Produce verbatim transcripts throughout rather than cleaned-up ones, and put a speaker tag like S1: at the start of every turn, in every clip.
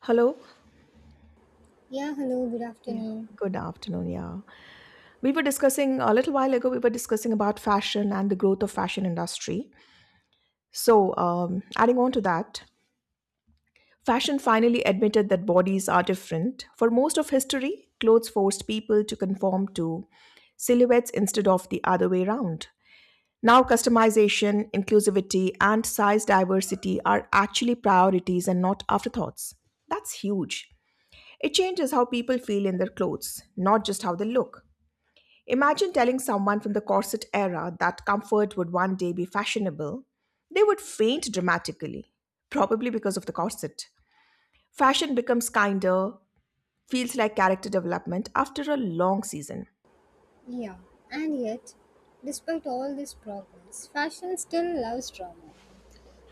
S1: Hello.
S2: Yeah, hello, good
S1: Yeah.
S2: afternoon.
S1: Good afternoon. Yeah. We were discussing a little while ago, we were discussing about fashion and the growth of fashion industry. So, um, adding on to that, fashion finally admitted that bodies are different. For most of history, clothes forced people to conform to silhouettes instead of the other way around. Now, customization, inclusivity, and size diversity are actually priorities and not afterthoughts. That's huge. It changes how people feel in their clothes, not just how they look. Imagine telling someone from the corset era that comfort would one day be fashionable. They would faint dramatically, probably because of the corset. Fashion becomes kinder, feels like character development after a long season.
S2: Yeah, and yet, despite all this progress, fashion still loves drama.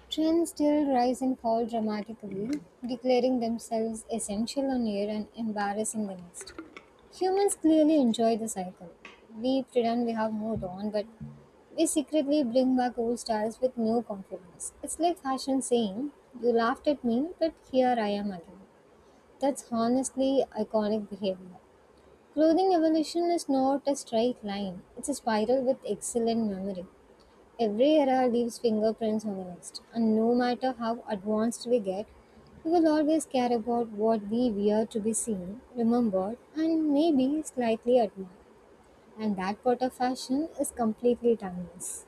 S2: Trends still rise and fall dramatically, declaring themselves essential on air and embarrassing the next. Humans clearly enjoy the cycle. We pretend we have moved on, but we secretly bring back old styles with new confidence. It's like fashion saying, "You laughed at me, but here I am again." That's honestly iconic behavior. Clothing evolution is not a straight line, it's a spiral with excellent memory. Every era leaves fingerprints on the next, and no matter how advanced we get, we will always care about what we wear to be seen, remembered, and maybe slightly admired. And that part of fashion is completely timeless.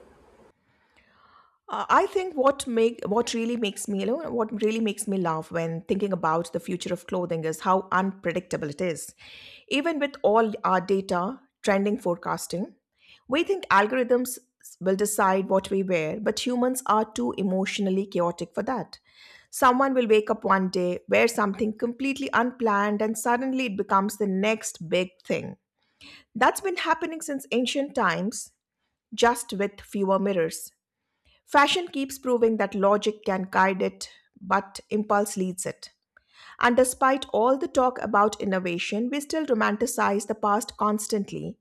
S1: Uh, I think what make what really makes me you know what really makes me laugh when thinking about the future of clothing is how unpredictable it is. Even with all our data, trending forecasting, we think algorithms will decide what we wear, but humans are too emotionally chaotic for that. Someone will wake up one day, wear something completely unplanned, and suddenly it becomes the next big thing. That's been happening since ancient times, just with fewer mirrors. Fashion keeps proving that logic can guide it, but impulse leads it. And despite all the talk about innovation, we still romanticize the past constantly.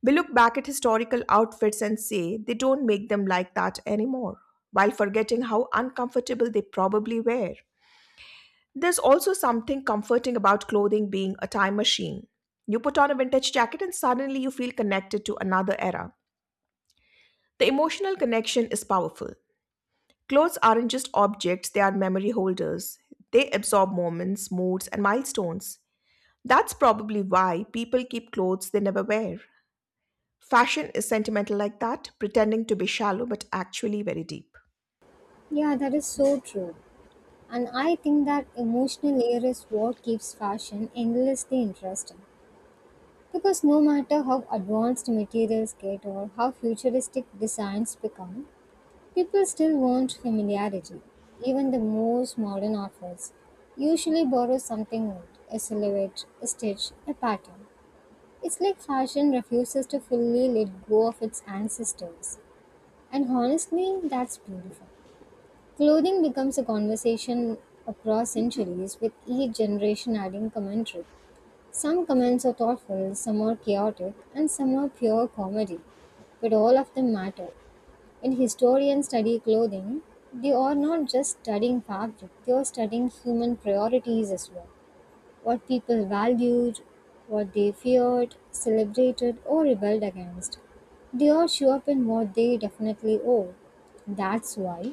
S1: We look back at historical outfits and say they don't make them like that anymore, while forgetting how uncomfortable they probably were. There's also something comforting about clothing being a time machine. You put on a vintage jacket and suddenly you feel connected to another era. The emotional connection is powerful. Clothes aren't just objects, they are memory holders. They absorb moments, moods, and milestones. That's probably why people keep clothes they never wear. Fashion is sentimental like that, pretending to be shallow but actually very deep.
S2: Yeah, that is so true. And I think that emotional layer is what keeps fashion endlessly interesting. Because no matter how advanced materials get or how futuristic designs become, people still want familiarity. Even the most modern outfits usually borrow something old, a silhouette, a stitch, a pattern. It's like fashion refuses to fully let go of its ancestors. And honestly, that's beautiful. Clothing becomes a conversation across centuries with each generation adding commentary. Some comments are thoughtful, some are chaotic, and some are pure comedy. But all of them matter. When historians study clothing, they are not just studying fabric, they are studying human priorities as well. What people valued, what they feared, celebrated, or rebelled against. They all show up in what they definitely owe. That's why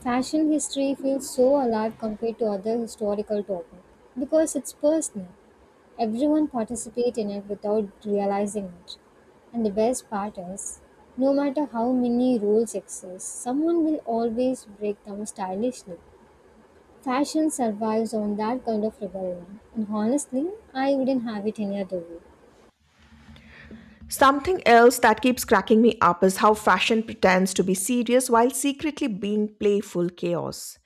S2: fashion history feels so alive compared to other historical topics because it's personal. Everyone participates in it without realizing it. And the best part is, no matter how many rules exist, someone will always break them stylishly. Fashion survives on that kind of rebellion. And honestly, I wouldn't have it any other way.
S1: Something else that keeps cracking me up is how fashion pretends to be serious while secretly being playful chaos.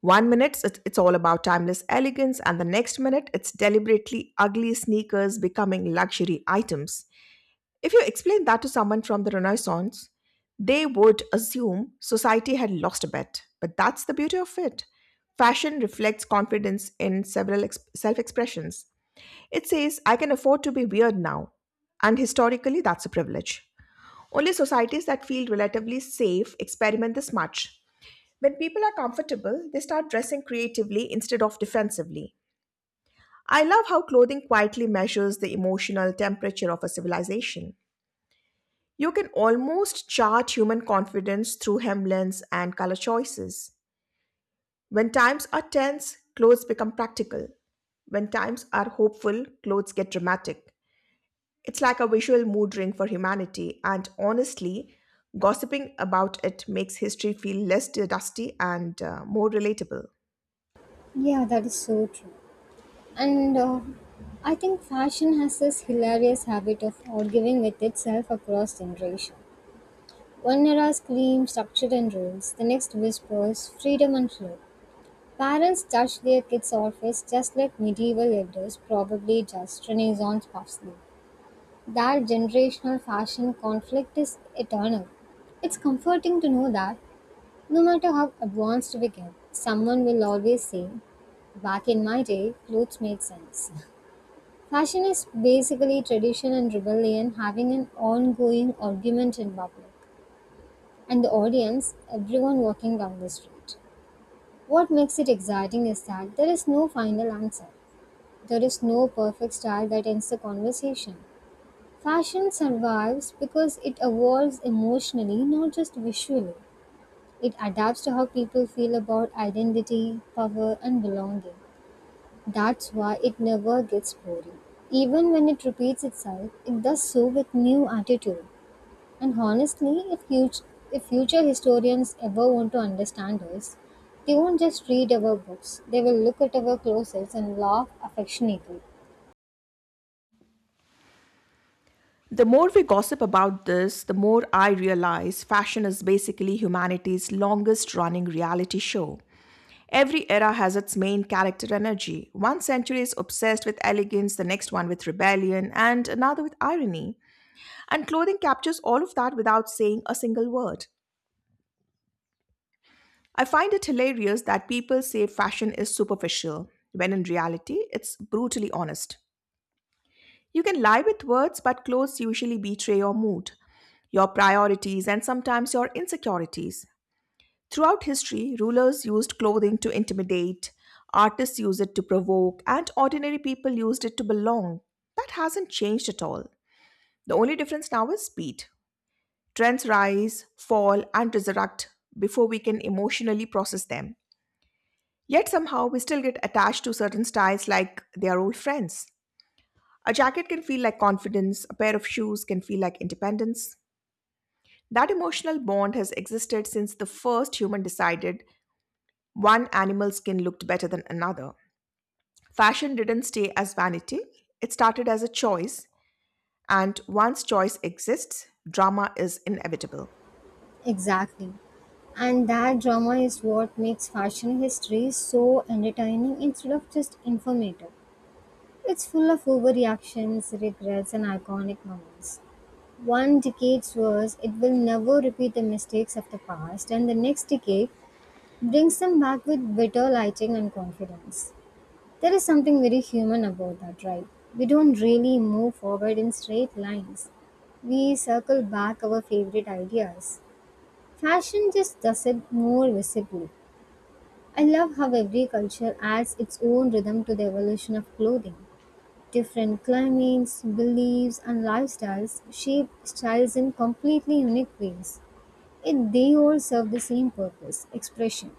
S1: One minute it's it's all about timeless elegance, and the next minute it's deliberately ugly sneakers becoming luxury items. If you explain that to someone from the Renaissance, they would assume society had lost a bet. But that's the beauty of it. Fashion reflects confidence in several ex- self expressions. It says, I can afford to be weird now. And historically, that's a privilege. Only societies that feel relatively safe experiment this much. When people are comfortable, they start dressing creatively instead of defensively. I love how clothing quietly measures the emotional temperature of a civilization. You can almost chart human confidence through hemlins and color choices. When times are tense, clothes become practical. When times are hopeful, clothes get dramatic. It's like a visual mood ring for humanity, and honestly, gossiping about it makes history feel less dusty and uh, more relatable.
S2: Yeah, that is so true. And uh, I think fashion has this hilarious habit of arguing with itself across generation. One era screams structure and rules, the next whispers freedom and flow. Parents judge their kids' outfits just like medieval elders probably judged Renaissance parsley. That generational fashion conflict is eternal. It's comforting to know that no matter how advanced we get, someone will always say, "Back in my day, clothes made sense." Fashion is basically tradition and rebellion having an ongoing argument in public, and the audience, everyone walking down the street. What makes it exciting is that there is no final answer. There is no perfect style that ends the conversation. Fashion survives because it evolves emotionally, not just visually. It adapts to how people feel about identity, power, and belonging. That's why it never gets boring. Even when it repeats itself, it does so with new attitude. And honestly, if, huge, if future historians ever want to understand us, they won't just read our books, they will look at our closets and laugh affectionately.
S1: The more we gossip about this, the more I realize fashion is basically humanity's longest running reality show. Every era has its main character energy. One century is obsessed with elegance, the next one with rebellion, and another with irony. And clothing captures all of that without saying a single word. I find it hilarious that people say fashion is superficial, when in reality, it's brutally honest. You can lie with words, but clothes usually betray your mood, your priorities, and sometimes your insecurities. Throughout history, rulers used clothing to intimidate, artists used it to provoke, and ordinary people used it to belong. That hasn't changed at all. The only difference now is speed. Trends rise, fall, and resurrect before we can emotionally process them. Yet somehow we still get attached to certain styles like they are old friends. A jacket can feel like confidence, a pair of shoes can feel like independence. That emotional bond has existed since the first human decided one animal skin looked better than another. Fashion didn't stay as vanity, it started as a choice, and once choice exists, drama is inevitable.
S2: Exactly. And that drama is what makes fashion history so entertaining instead of just informative. It's full of overreactions, regrets, and iconic moments. One decade's worth, it will never repeat the mistakes of the past, and the next decade brings them back with better lighting and confidence. There is something very human about that, right? We don't really move forward in straight lines. We circle back our favorite ideas. Fashion just does it more visibly. I love how every culture adds its own rhythm to the evolution of clothing. Different climates, beliefs, and lifestyles shape styles in completely unique ways. Yet they all serve the same purpose expression.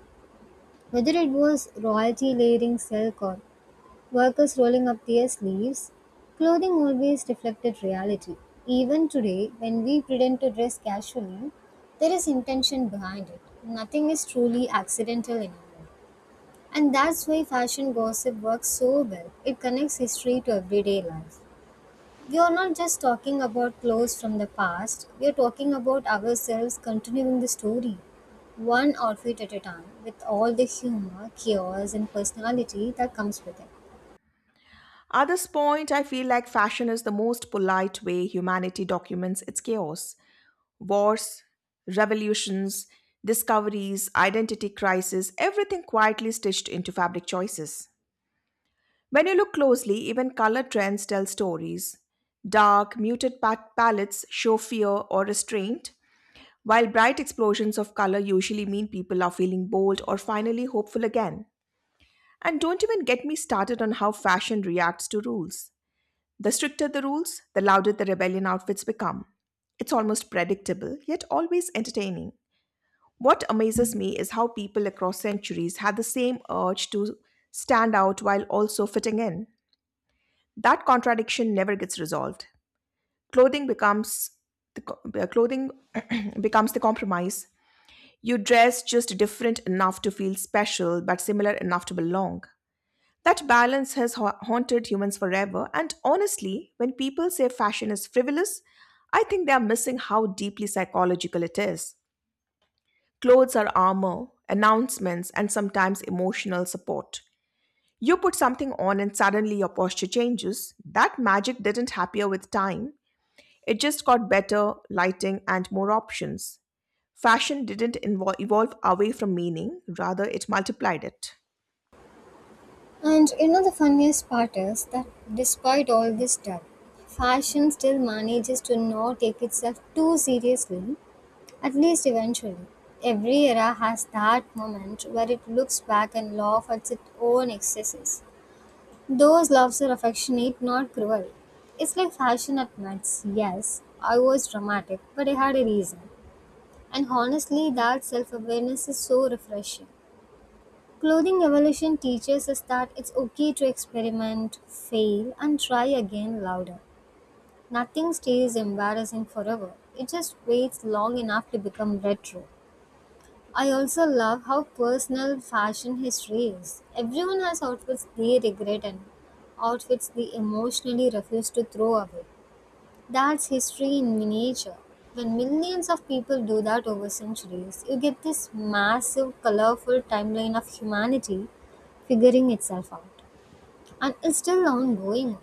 S2: Whether it was royalty layering silk or workers rolling up their sleeves, clothing always reflected reality. Even today, when we pretend to dress casually, there is intention behind it. Nothing is truly accidental anymore. And that's why fashion gossip works so well. It connects history to everyday life. We are not just talking about clothes from the past, we are talking about ourselves continuing the story one outfit at a time with all the humor, chaos, and personality that comes with it.
S1: At this point, I feel like fashion is the most polite way humanity documents its chaos. Wars, revolutions, discoveries, identity crisis, everything quietly stitched into fabric choices. When you look closely, even color trends tell stories. Dark, muted pat- palettes show fear or restraint, while bright explosions of color usually mean people are feeling bold or finally hopeful again. And don't even get me started on how fashion reacts to rules. The stricter the rules, the louder the rebellion outfits become. It's almost predictable, yet always entertaining. What amazes me is how people across centuries had the same urge to stand out while also fitting in. That contradiction never gets resolved. Clothing becomes the co- uh, clothing becomes the compromise. You dress just different enough to feel special, but similar enough to belong. That balance has ha- haunted humans forever, and honestly, when people say fashion is frivolous, I think they are missing how deeply psychological it is. Clothes are armor, announcements, and sometimes emotional support. You put something on and suddenly your posture changes. That magic didn't appear with time, it just got better lighting and more options. Fashion didn't invo- evolve away from meaning, rather, it multiplied it.
S2: And you know the funniest part is that despite all this stuff, fashion still manages to not take itself too seriously, at least eventually. Every era has that moment where it looks back and laughs at its own excesses. Those laughs are affectionate, not cruel. It's like fashion admits, yes, I was dramatic, but I had a reason. And honestly, that self awareness is so refreshing. Clothing evolution teaches us that it's okay to experiment, fail, and try again louder. Nothing stays embarrassing forever, it just waits long enough to become retro. I also love how personal fashion history is. Everyone has outfits they regret and outfits they emotionally refuse to throw away. That's history in miniature. When millions of people do that over centuries, you get this massive, colorful timeline of humanity figuring itself out. And it's still ongoing.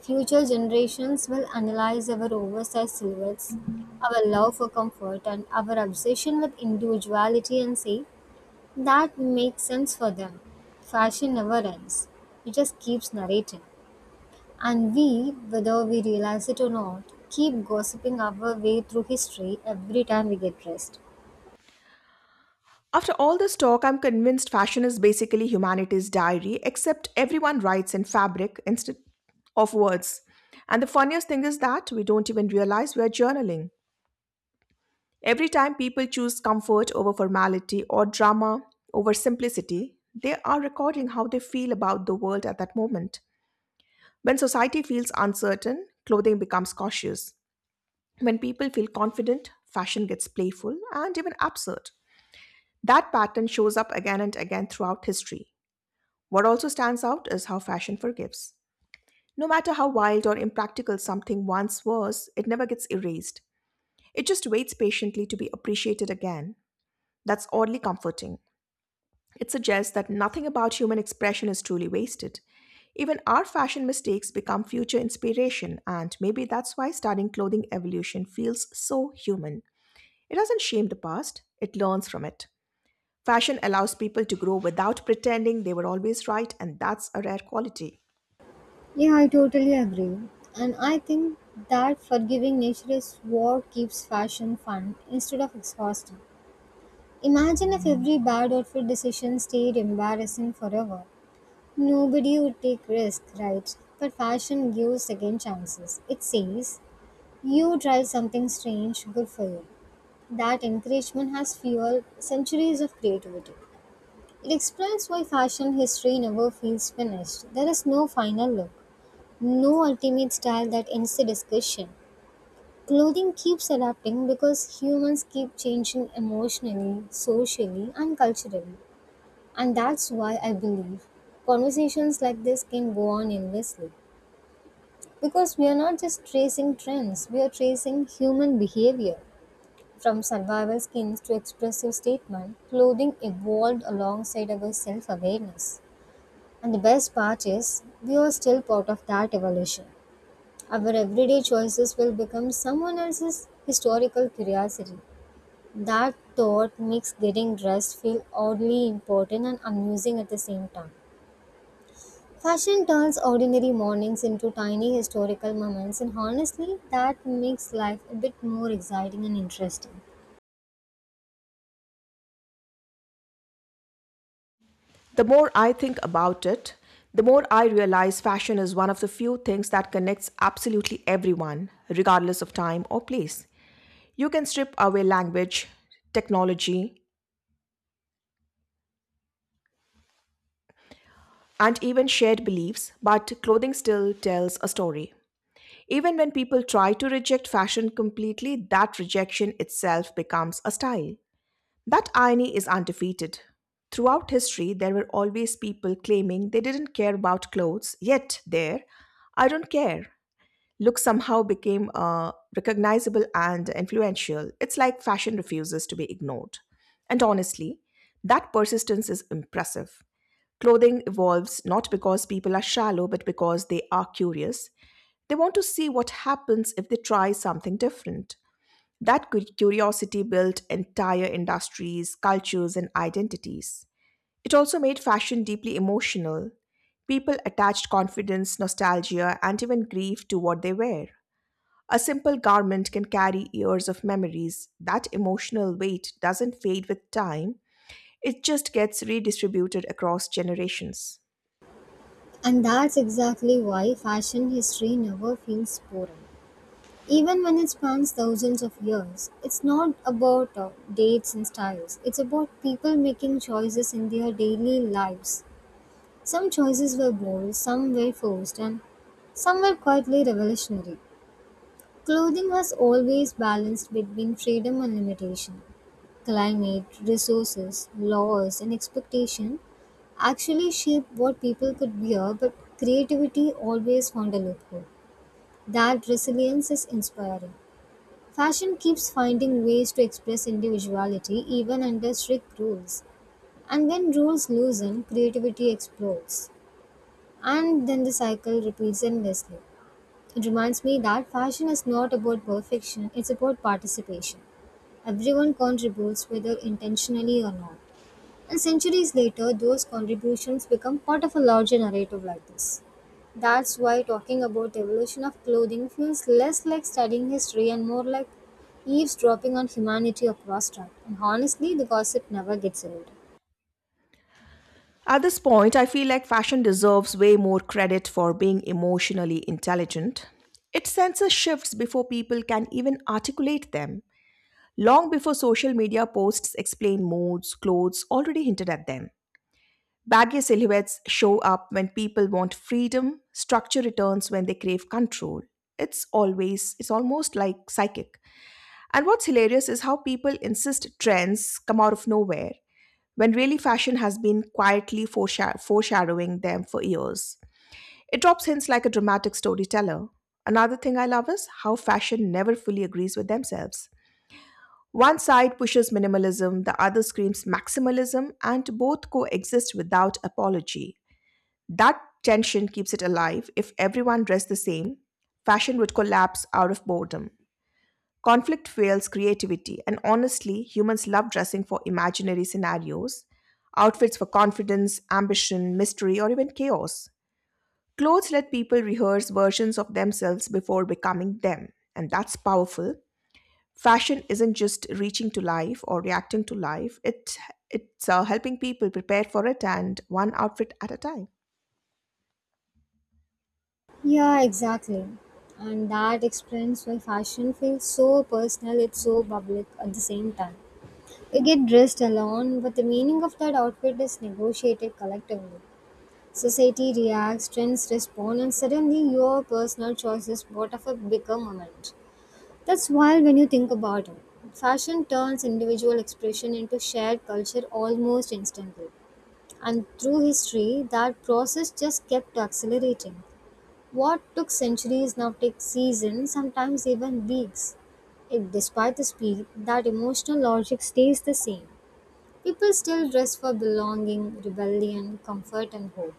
S2: Future generations will analyze our oversized silhouettes, our love for comfort, and our obsession with individuality and say, that makes sense for them. Fashion never ends, it just keeps narrating. And we, whether we realize it or not, keep gossiping our way through history every time we get pressed.
S1: After all this talk, I'm convinced fashion is basically humanity's diary, except everyone writes in fabric instead of words. And the funniest thing is that we don't even realize we are journaling. Every time people choose comfort over formality or drama over simplicity, they are recording how they feel about the world at that moment. When society feels uncertain, clothing becomes cautious. When people feel confident, fashion gets playful and even absurd. That pattern shows up again and again throughout history. What also stands out is how fashion forgives. No matter how wild or impractical something once was, it never gets erased. It just waits patiently to be appreciated again. That's oddly comforting. It suggests that nothing about human expression is truly wasted. Even our fashion mistakes become future inspiration, and maybe that's why studying clothing evolution feels so human. It doesn't shame the past, it learns from it. Fashion allows people to grow without pretending they were always right, and that's a rare quality.
S2: Yeah, I totally agree. And I think that forgiving nature is what keeps fashion fun instead of exhausting. Imagine if every bad outfit decision stayed embarrassing forever. Nobody would take risk, right? But fashion gives second chances. It says, you try something strange, good for you. That encouragement has fueled centuries of creativity. It explains why fashion history never feels finished. There is no final look, no ultimate style that ends the discussion. Clothing keeps adapting because humans keep changing emotionally, socially, and culturally. And that's why I believe conversations like this can go on endlessly. Because we are not just tracing trends, we are tracing human behavior. From survival skins to expressive statement, clothing evolved alongside our self awareness. And the best part is, we are still part of that evolution. Our everyday choices will become someone else's historical curiosity. That thought makes getting dressed feel oddly important and amusing at the same time. Fashion turns ordinary mornings into tiny historical moments, and honestly, that makes life a bit more exciting and interesting.
S1: The more I think about it, the more I realize fashion is one of the few things that connects absolutely everyone, regardless of time or place. You can strip away language, technology, and even shared beliefs, but clothing still tells a story. Even when people try to reject fashion completely, that rejection itself becomes a style. That irony is undefeated. Throughout history, there were always people claiming they didn't care about clothes, yet, there, "I don't care" look somehow became uh, recognizable and influential. It's like fashion refuses to be ignored. And honestly, that persistence is impressive. Clothing evolves not because people are shallow, but because they are curious. They want to see what happens if they try something different. That cu- curiosity built entire industries, cultures, and identities. It also made fashion deeply emotional. People attached confidence, nostalgia, and even grief to what they wear. A simple garment can carry years of memories. That emotional weight doesn't fade with time, it just gets redistributed across generations.
S2: And that's exactly why fashion history never feels boring. Even when it spans thousands of years, it's not about uh, dates and styles. It's about people making choices in their daily lives. Some choices were bold, some were forced, and some were quietly revolutionary. Clothing has always balanced between freedom and limitation. Climate, resources, laws, and expectation actually shaped what people could wear, but creativity always found a loophole. That resilience is inspiring. Fashion keeps finding ways to express individuality even under strict rules. And when rules loosen, creativity explodes. And then the cycle repeats endlessly. It reminds me that fashion is not about perfection, it's about participation. Everyone contributes whether intentionally or not. And centuries later, those contributions become part of a larger narrative like this. That's why talking about the evolution of clothing feels less like studying history and more like eavesdropping on humanity across time. And honestly, the gossip never gets old.
S1: At this point, I feel like fashion deserves way more credit for being emotionally intelligent. It senses shifts before people can even articulate them, long before social media posts explain moods, clothes already hinted at them. Baggy silhouettes show up when people want freedom, structure returns when they crave control. It's always, it's almost like psychic. And what's hilarious is how people insist trends come out of nowhere when really fashion has been quietly foresha- foreshadowing them for years. It drops hints like a dramatic storyteller. Another thing I love is how fashion never fully agrees with themselves. One side pushes minimalism, the other screams maximalism, and both coexist without apology. That tension keeps it alive. If everyone dressed the same, fashion would collapse out of boredom. Conflict fuels creativity, and honestly, humans love dressing for imaginary scenarios, outfits for confidence, ambition, mystery, or even chaos. Clothes let people rehearse versions of themselves before becoming them, and that's powerful. Fashion isn't just reaching to life or reacting to life, it, it's uh, helping people prepare for it and one outfit at a time.
S2: Yeah, exactly. And that explains why fashion feels so personal, it's so public at the same time. We get dressed alone, but the meaning of that outfit is negotiated collectively. Society reacts, trends respond, and suddenly your personal choices brought up a bigger moment. That's wild when you think about it. Fashion turns individual expression into shared culture almost instantly. And through history, that process just kept accelerating. What took centuries now takes seasons, sometimes even weeks. It, despite the speed, that emotional logic stays the same. People still dress for belonging, rebellion, comfort, and hope.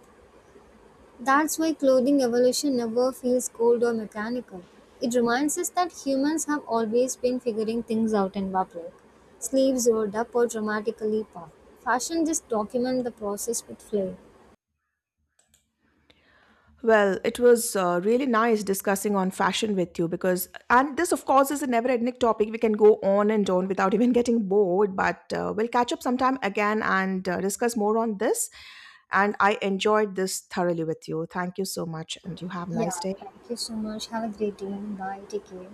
S2: That's why clothing evolution never feels cold or mechanical. It reminds us that humans have always been figuring things out in public. Sleeves rolled up or dramatically puffed. Fashion just documents the process with flair.
S1: Well, it was uh, really nice discussing on fashion with you because, and this, of course, is a never ending topic. We can go on and on without even getting bored, but uh, we'll catch up sometime again and uh, discuss more on this. And I enjoyed this thoroughly with you. Thank you so much, and you have a nice
S2: Yeah,
S1: day.
S2: thank you so much. Have a great day. Bye. Take care.